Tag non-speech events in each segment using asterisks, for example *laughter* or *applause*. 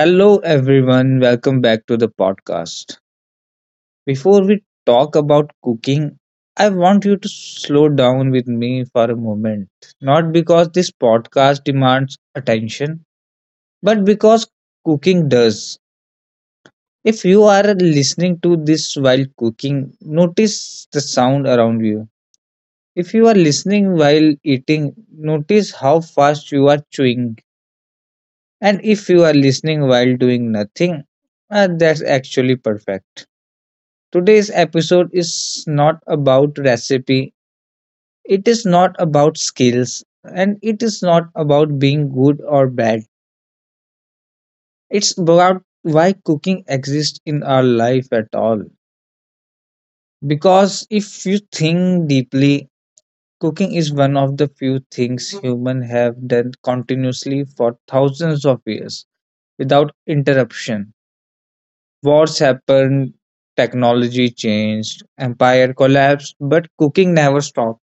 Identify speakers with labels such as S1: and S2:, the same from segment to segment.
S1: Hello, everyone. Welcome back to the podcast. Before we talk about cooking, I want you to slow down with me for a moment. Not because this podcast demands attention, but because cooking does. If you are listening to this while cooking, notice the sound around you. If you are listening while eating, notice how fast you are chewing. And if you are listening while doing nothing, that's actually perfect. Today's episode is not about recipe, it is not about skills, and it is not about being good or bad. It's about why cooking exists in our life at all. Because if you think deeply, cooking is one of the few things humans have done continuously for thousands of years without interruption. Wars happened, technology changed, empire collapsed, but cooking never stopped.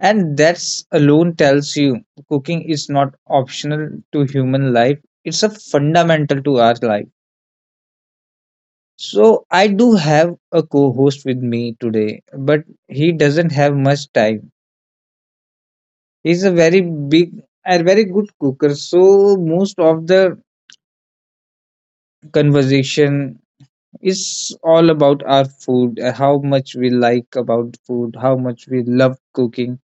S1: And that's alone tells you cooking is not optional to human life, it's a fundamental to our life. So, I do have a co host with me today, but he doesn't have much time. He's a very big a very good cooker, so most of the conversation is all about our food, how much we like about food, how much we love cooking.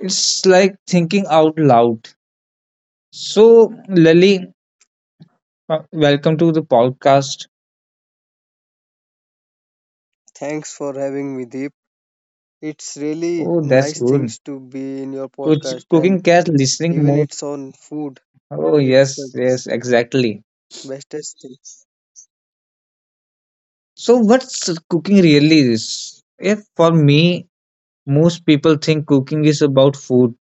S1: It's like thinking out loud. So, Lali, welcome to the podcast.
S2: Thanks for having me, Deep. It's really
S1: Oh, that's
S2: nice
S1: good.
S2: things to be in your podcast,
S1: Cooking
S2: and
S1: cat listening
S2: even
S1: mode.
S2: it's on food.
S1: Oh,
S2: It's
S1: yes,
S2: the
S1: yes, exactly.
S2: bestest things.
S1: So, what's cooking really is? If for me, most people think cooking is about food,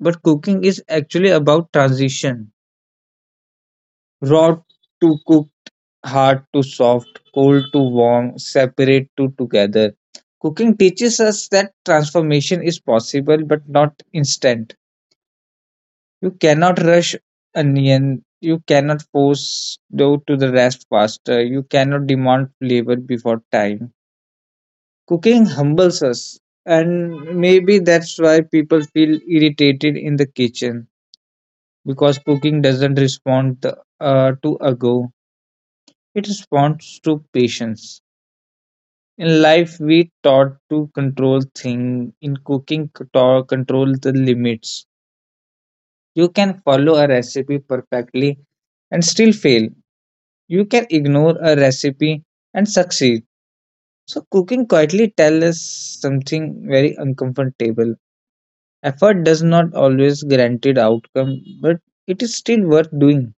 S1: but cooking is actually about transition. Raw to cooked, hard to soft, cold to warm, separate to together. Cooking teaches us that transformation is possible but not instant. You cannot rush onion. You cannot force dough to the rest faster. You cannot demand flavor before time. Cooking humbles us, and maybe that's why people feel irritated in the kitchen because cooking doesn't respond to a go. It responds to patience. In life, we taught to control things. In cooking, to control the limits. You can follow a recipe perfectly and still fail. You can ignore a recipe and succeed. So, cooking quietly tells us something very uncomfortable. Effort does not always guarantee outcome, but it is still worth doing.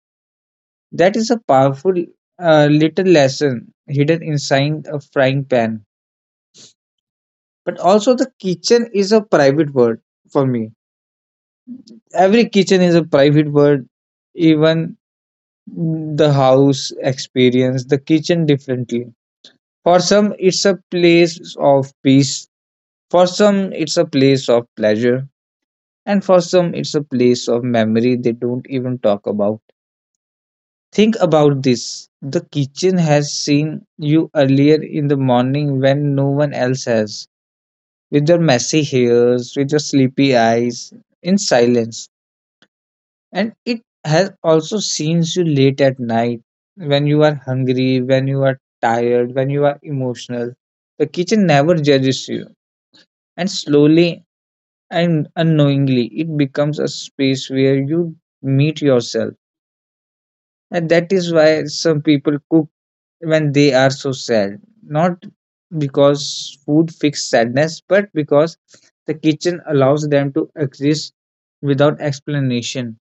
S1: That is a powerful little lesson hidden inside a frying pan. But also, the kitchen is a private world for me. Every kitchen is a private world, even the house experience the kitchen differently. For some, it's a place of peace. For some, it's a place of pleasure, and for some, it's a place of memory they don't even talk about. Think about this, the kitchen has seen you earlier in the morning when no one else has, with your messy hairs, with your sleepy eyes, in silence. And it has also seen you late at night when you are hungry, when you are tired, when you are emotional. The kitchen never judges you. And slowly and unknowingly it becomes a space where you meet yourself, and that is why some people cook when they are so sad, not because food fixes sadness, but because the kitchen allows them to exist without explanation.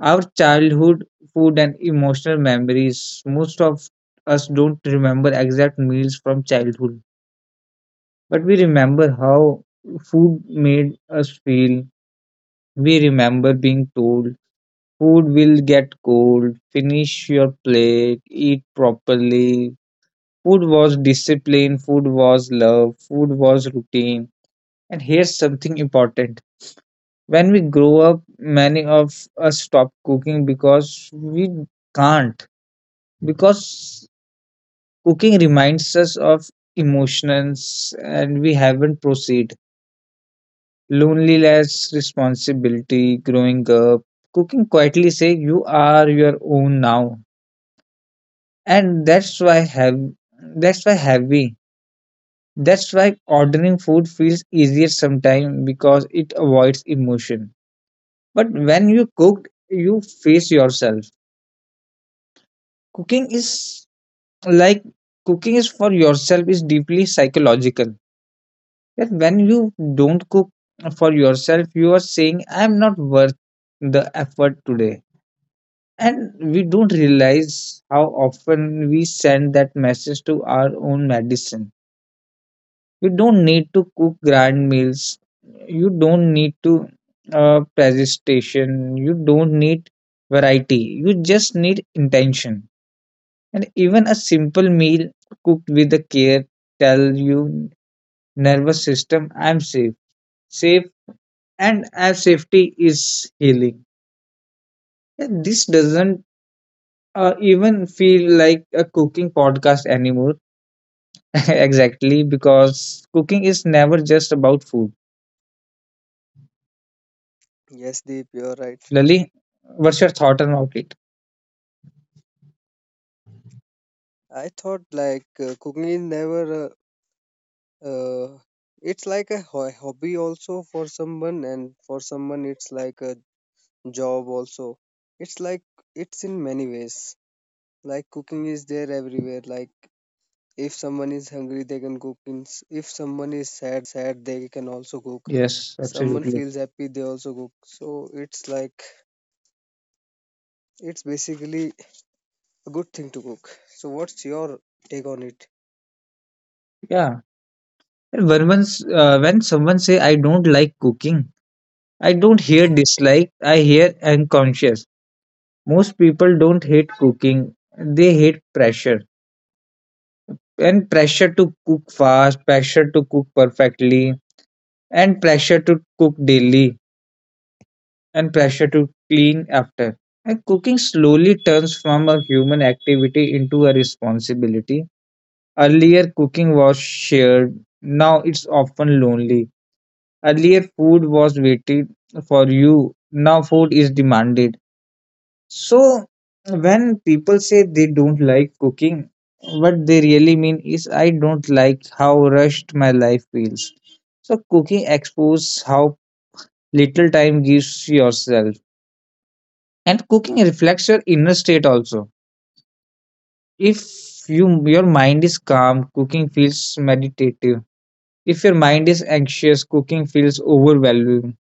S1: Our childhood food and emotional memories, most of us don't remember exact meals from childhood, but we remember how food made us feel. We remember being told, food will get cold. Finish your plate. Eat properly. Food was discipline. Food was love. Food was routine. And here's something important. When we grow up, many of us stop cooking because we can't. Because cooking reminds us of emotions and we haven't proceed. Loneliness, responsibility, growing up. Cooking quietly say you are your own now. And that's why have that's why heavy that's why ordering food feels easier sometimes because it avoids emotion, but when you cook you face yourself. cooking is like Cooking is for yourself is deeply psychological, that when you don't cook for yourself you are saying, I'm not worth the effort today. And we don't realize how often we send that message to our own medicine. You don't need to cook grand meals, you don't need to presentation, you don't need variety, you just need intention. And even a simple meal cooked with the care tell you nervous system, I'm safe, safe. And as safety is healing. And this doesn't even feel like a cooking podcast anymore *laughs* exactly because cooking is never just about food.
S2: Yes, Deep, you're right.
S1: Lali, what's your thought about it?
S2: I thought like cooking is never. Uh, it's like a hobby also for someone, and for someone it's like a job also. It's like it's in many ways. Like cooking is there everywhere. Like if someone is hungry, they can cook. If someone is sad, they can also cook.
S1: Yes,
S2: Someone
S1: absolutely.
S2: feels happy, they also cook. So it's like, it's basically a good thing to cook. So what's your take on it?
S1: Yeah. And when once when someone say I don't like cooking, I don't hear dislike, I hear unconscious. Most people don't hate cooking. They hate pressure. And pressure to cook fast, pressure to cook perfectly, and pressure to cook daily, and pressure to clean after. And cooking slowly turns from a human activity into a responsibility. Earlier, cooking was shared. Now it's often lonely. Earlier, food was waited for you. Now, food is demanded. So, when people say they don't like cooking, what they really mean is, I don't like how rushed my life feels. So, cooking exposes how little time gives yourself, and cooking reflects your inner state also. If you your mind is calm, cooking feels meditative. If your mind is anxious, cooking feels overwhelming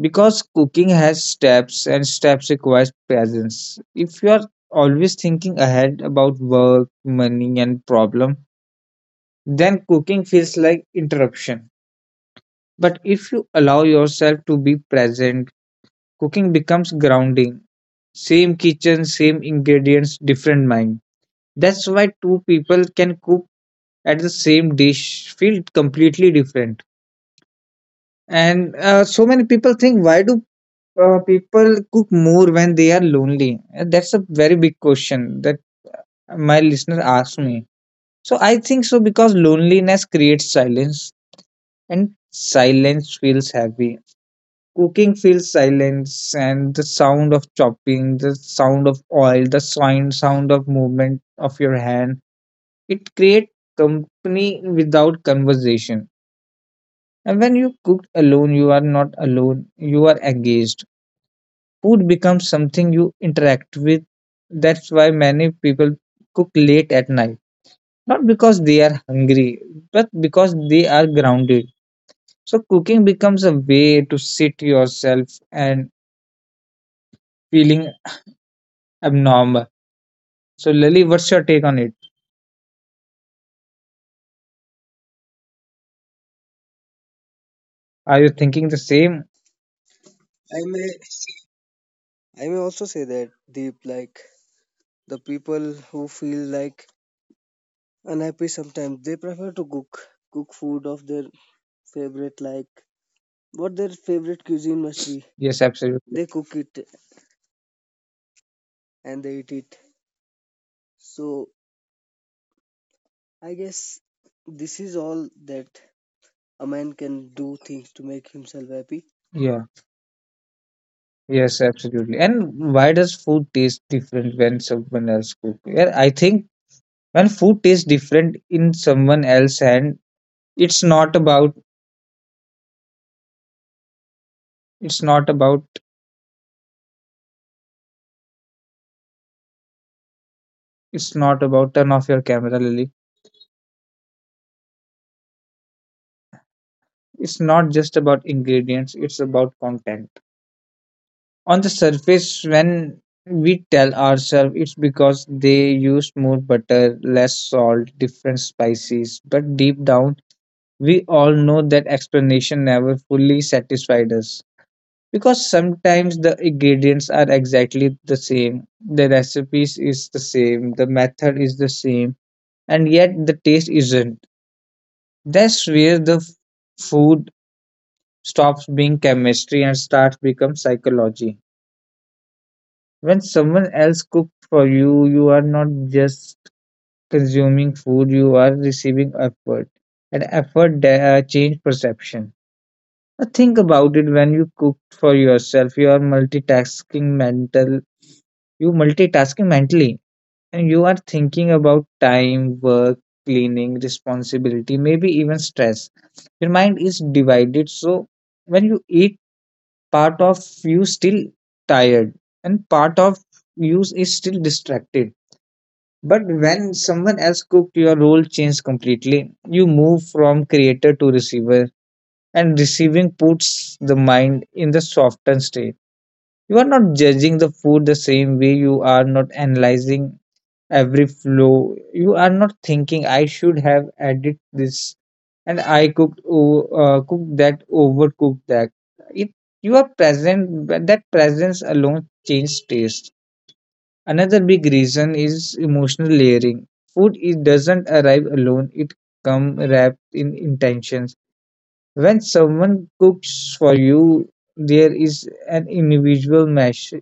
S1: because cooking has steps and steps requires presence. If you are always thinking ahead about work, money and problem, then cooking feels like interruption. But if you allow yourself to be present, cooking becomes grounding. Same kitchen, same ingredients, different mind. That's why two people can cook at the same dish feel completely different. And so many people think, why do people cook more when they are lonely? That's a very big question that my listener asked me. So I think so because loneliness creates silence and silence feels heavy. Cooking feels silence and the sound of chopping, the sound of oil, the sound of movement of your hand. It creates company without conversation. And when you cook alone, you are not alone. You are engaged. Food becomes something you interact with. That's why many people cook late at night, not because they are hungry, but because they are grounded. So cooking becomes a way to sit yourself and feeling abnormal. So Lily, what's your take on it? Are you thinking the same?
S2: I may, I may also say that Deep, like the people who feel like unhappy sometimes, they prefer to cook, cook food of their favorite, like what their favorite cuisine must be.
S1: Yes, absolutely.
S2: They cook it and they eat it. So I guess this is all that a man can do things to make himself happy.
S1: Yeah. Yes, absolutely. And why does food taste different when someone else cooks? Yeah, I think when food tastes different in someone else's hand, it's not about It's not about it's not about, turn off your camera, Lily. It's not just about ingredients, it's about content. On the surface, when we tell ourselves it's because they used more butter, less salt, different spices, but deep down, we all know that explanation never fully satisfied us. Because sometimes the ingredients are exactly the same, the recipes is the same, the method is the same, and yet the taste isn't. That's where the food stops being chemistry and starts become psychology. When someone else cooks for you, you are not just consuming food, you are receiving effort. And effort change perception. Now think about it, when you cook for yourself, you are multitasking mentally, and you are thinking about time, work, cleaning, responsibility, maybe even stress. Your mind is divided. So when you eat, part of you still tired and part of you is still distracted. But when someone else cooked, your role changed completely. You move from creator to receiver, and receiving puts the mind in the softened state. You are not judging the food the same way, you are not analyzing every flow. You are not thinking, I should have added this and cooked that, overcooked that. It you are present, but that presence alone changes taste. Another big reason is emotional layering. Food it doesn't arrive alone. It come wrapped in intentions. When someone cooks for you, there is an individual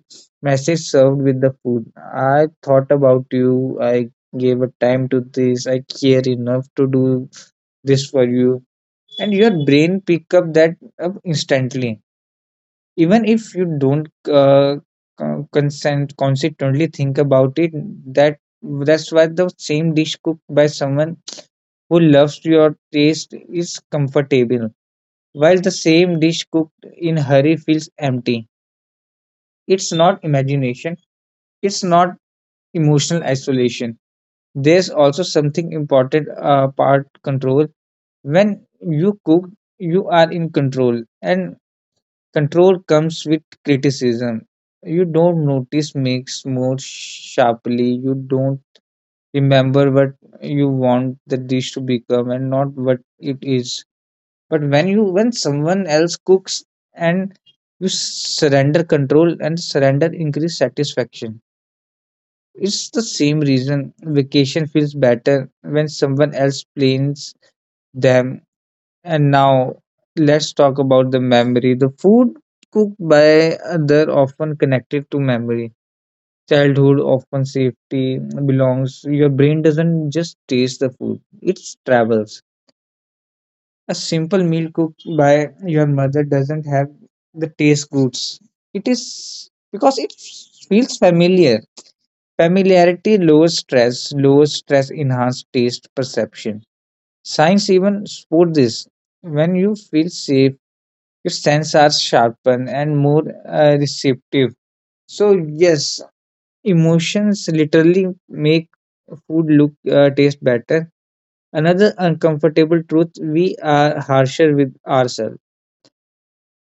S1: message served with the food. I thought about you, I gave a time to this, I care enough to do this for you. And your brain pick up that up instantly. Even if you don't con- consent consistently think about it, that that's why the same dish cooked by someone who loves your taste is comfortable, while the same dish cooked in hurry feels empty. It's not imagination, it's not emotional isolation. There's also something important part control. When you cook, you are in control, and control comes with criticism. You don't notice makes more sharply, you don't remember what you want the dish to become and not what it is. But when you when someone else cooks and you surrender control, and surrender increase satisfaction. It's the same reason vacation feels better when someone else plans them. And now let's talk about the memory. The food cooked by other often connected to memory, childhood often safety belongs. Your brain doesn't just taste the food, it travels. A simple meal cooked by your mother doesn't have the taste goods. It is because it feels familiar. Familiarity lowers stress enhances taste perception. Science even support this. When you feel safe, your senses are sharpened and more receptive. So yes, emotions literally make food look taste better. Another uncomfortable truth: we are harsher with ourselves.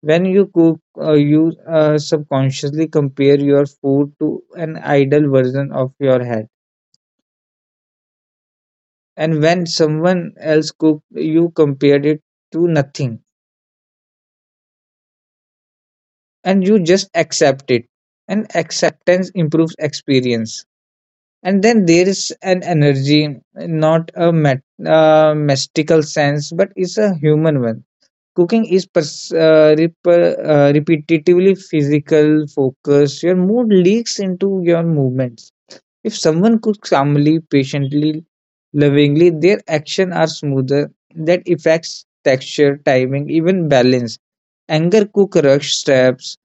S1: When you cook, you subconsciously compare your food to an ideal version of your head. And when someone else cook, you compare it to nothing. And you just accept it. And acceptance improves experience. And then there is an energy, not a mystical sense, but it's a human one. Cooking is repetitively physical focus. Your mood leaks into your movements. If someone cooks calmly, patiently, lovingly, their actions are smoother. That affects texture, timing, even balance. Anger cook rush steps,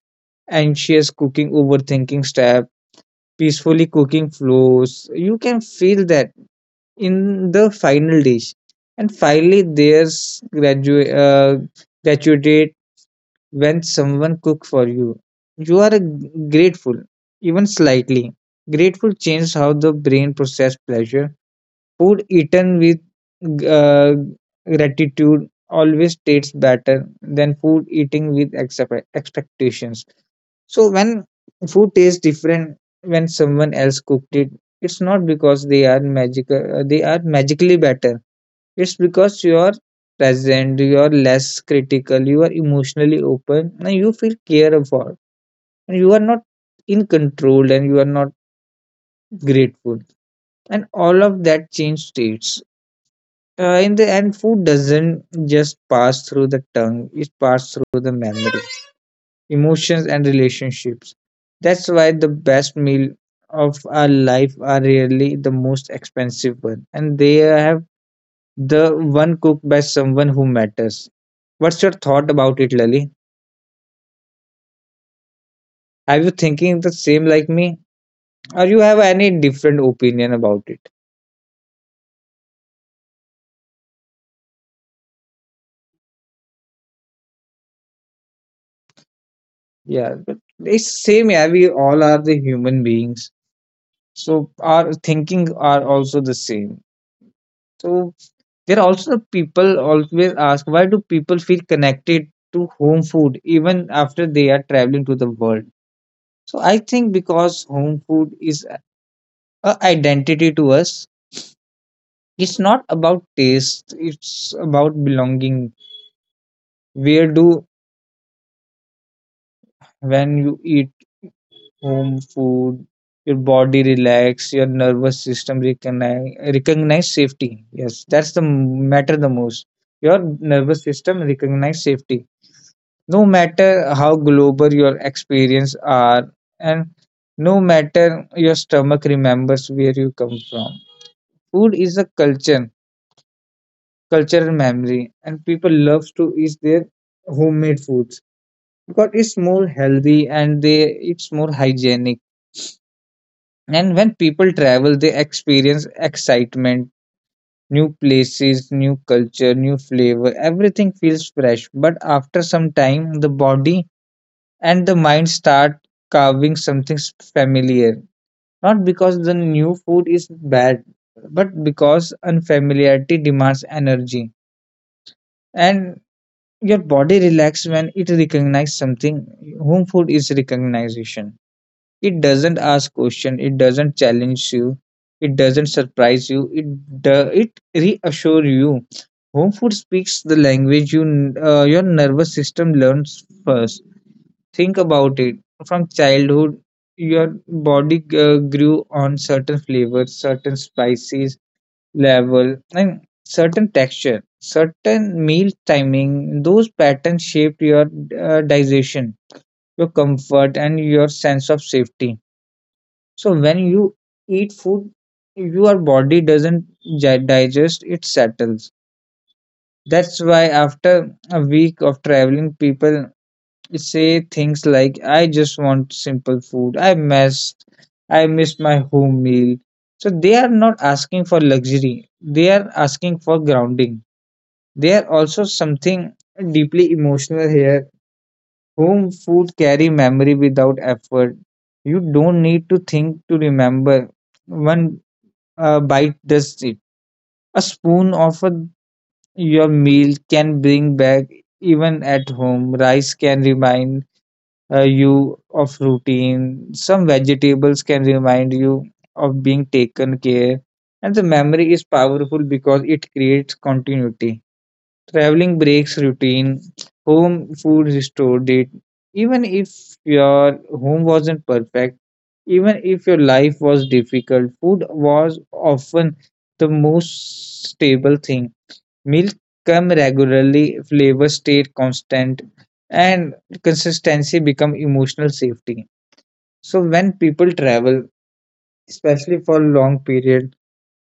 S1: anxious cooking, overthinking step, peacefully cooking flows. You can feel that in the final dish. And finally, there's gratuity when someone cook for you. You are grateful, even slightly. Grateful changes how the brain process pleasure. Food eaten with uh, gratitude always tastes better than food eating with expectations. So when food tastes different when someone else cooked it, it's not because they are magical. They are magically better. It's because you are present, you are less critical, you are emotionally open, and you feel cared for, and you are not in control, and you are not grateful, and all of that change states. In the end, food doesn't just pass through the tongue, it passes through the memory, emotions, and relationships. That's why the best meal of our life are really the most expensive one, and they have the one cooked by someone who matters. What's your thought about it, Lali? Are you thinking the same like me, or you have any different opinion about it? Yeah, but it's same. Yeah, we all are the human beings, so our thinking are also the same. So there are also people always ask, why do people feel connected to home food even after they are traveling to the world? So I think because home food is a identity to us. It's not about taste, it's about belonging. Where do when you eat home food, your body relax, your nervous system recognize safety. Yes, that's the matter the most. Your nervous system recognize safety. No matter how global your experience are, and no matter, your stomach remembers where you come from. Food is a culture, cultural memory, and people love to eat their homemade foods because it's more healthy and they it's more hygienic. And when people travel, they experience excitement, new places, new culture, new flavor. Everything feels fresh, but after some time, the body and the mind start carving something familiar, not because the new food is bad, but because unfamiliarity demands energy and your body relax when it recognizes something. Home food is recognition. It doesn't ask question, it doesn't challenge you, it doesn't surprise you, it it reassure you. Home food speaks the language you your nervous system learns first. Think about it. From childhood, your body grew on certain flavors, certain spices level, and certain texture, certain meal timing. Those patterns shaped your digestion, your comfort, and your sense of safety. So when you eat food, your body doesn't digest; it settles. That's why after a week of traveling, people say things like, I just want simple food, I missed, I miss my home meal. So they are not asking for luxury, they are asking for grounding. They are also something deeply emotional here. Home food carry memory without effort. You don't need to think to remember. One bite does it. A spoon of a, your meal can bring back even at home. Rice can remind you of routine. Some vegetables can remind you of being taken care. And the memory is powerful because it creates continuity. Traveling breaks routine, home food restored it. Even if your home wasn't perfect, even if your life was difficult, food was often the most stable thing. Milk come regularly, flavor stay constant, and consistency become emotional safety. So when people travel, especially for long period,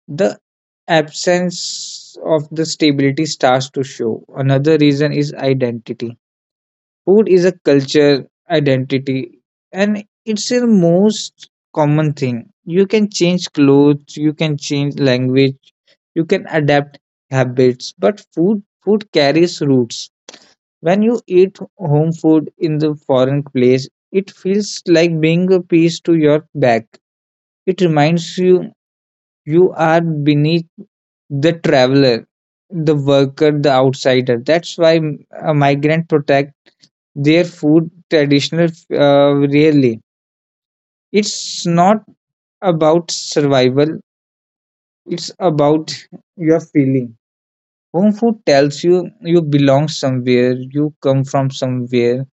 S1: the absence of the stability starts to show. Another reason is identity. Food is a culture identity, and it's the most common thing. You can change clothes, you can change language, you can adapt habits, but food carries roots. When you eat home food in the foreign place, it feels like being a piece to your back. It reminds you you are beneath the traveler, the worker, the outsider. That's why a migrant protect their food traditional really. It's not about survival, it's about your feeling. Home food tells you you belong somewhere, you come from somewhere,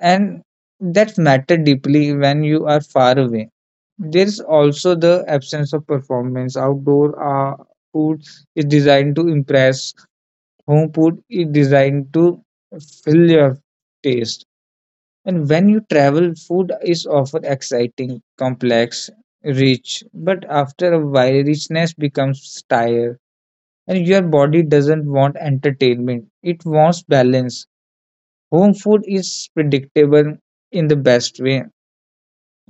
S1: and that matter deeply when you are far away. There is also the absence of performance. Outdoor food is designed to impress. Home food is designed to fill your taste. And when you travel, food is often exciting, complex, rich. But after a while, richness becomes tired, and your body doesn't want entertainment. It wants balance. Home food is predictable in the best way.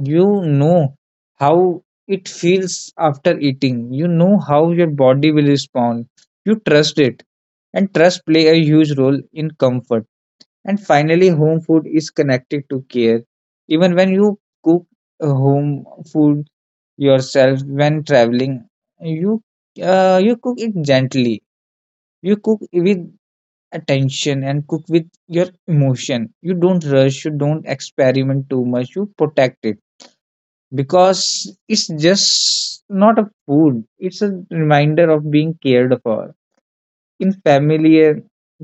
S1: You know how it feels after eating. You know how your body will respond. You trust it. And trust play a huge role in comfort. And finally, home food is connected to care. Even when you cook home food yourself when traveling, you you cook it gently. You cook with attention and cook with your emotion. You don't rush. You don't experiment too much. You protect it because it's just not a food, it's a reminder of being cared for in familiar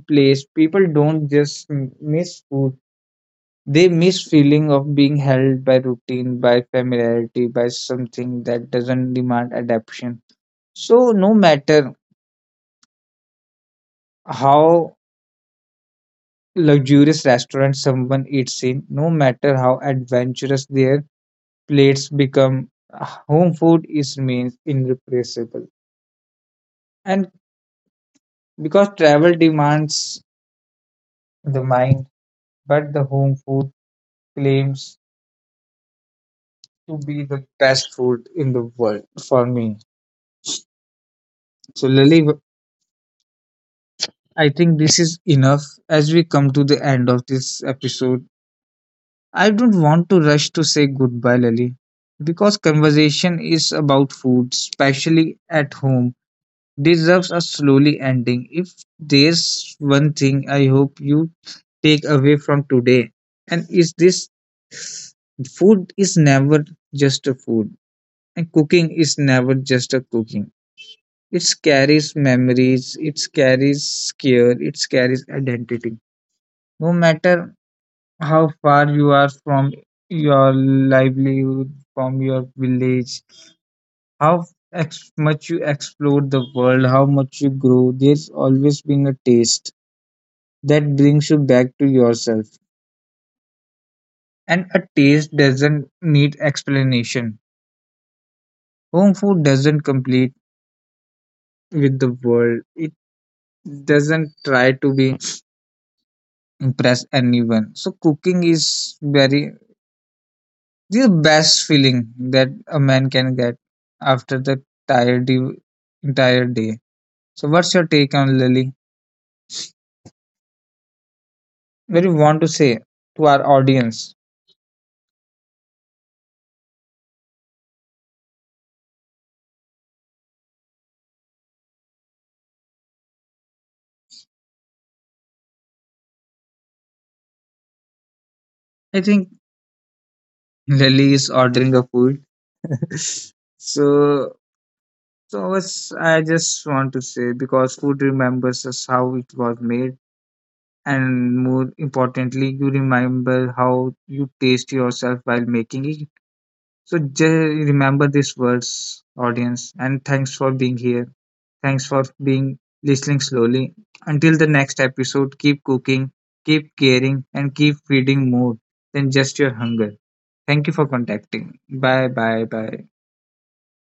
S1: place. People don't just miss food, they miss feeling of being held by routine, by familiarity, by something that doesn't demand adaptation. So no matter how luxurious restaurant someone eats in, no matter how adventurous their plates become, home food is means irreplaceable. And because travel demands the mind, but the home food claims to be the best food in the world for me. So, Lily, I think this is enough as we come to the end of this episode. I don't want to rush to say goodbye, Lily, because conversation is about food, especially at home, deserves a slowly ending. If there's one thing I hope you take away from today, and is this, food is never just a food, and cooking is never just a cooking. It carries memories, it carries care, it carries identity. No matter how far you are from your livelihood, from your village, how much you explore the world, how much you grow, there's always been a taste that brings you back to yourself. And a taste doesn't need explanation. Home food doesn't compete with the world. It doesn't try to be impress anyone. So cooking is very the best feeling that a man can get after the tired day- entire day. So what's your take on Lily? What do you want to say to our audience? I think Lily is ordering a food. *laughs* so So it's, I just want to say because food remembers us how it was made, and more importantly, you remember how you taste yourself while making it. So just remember these words, audience, and thanks for being here. Thanks for being listening slowly. Until the next episode, keep cooking, keep caring, and keep feeding more than just your hunger. Thank you for contacting. Bye, bye, bye.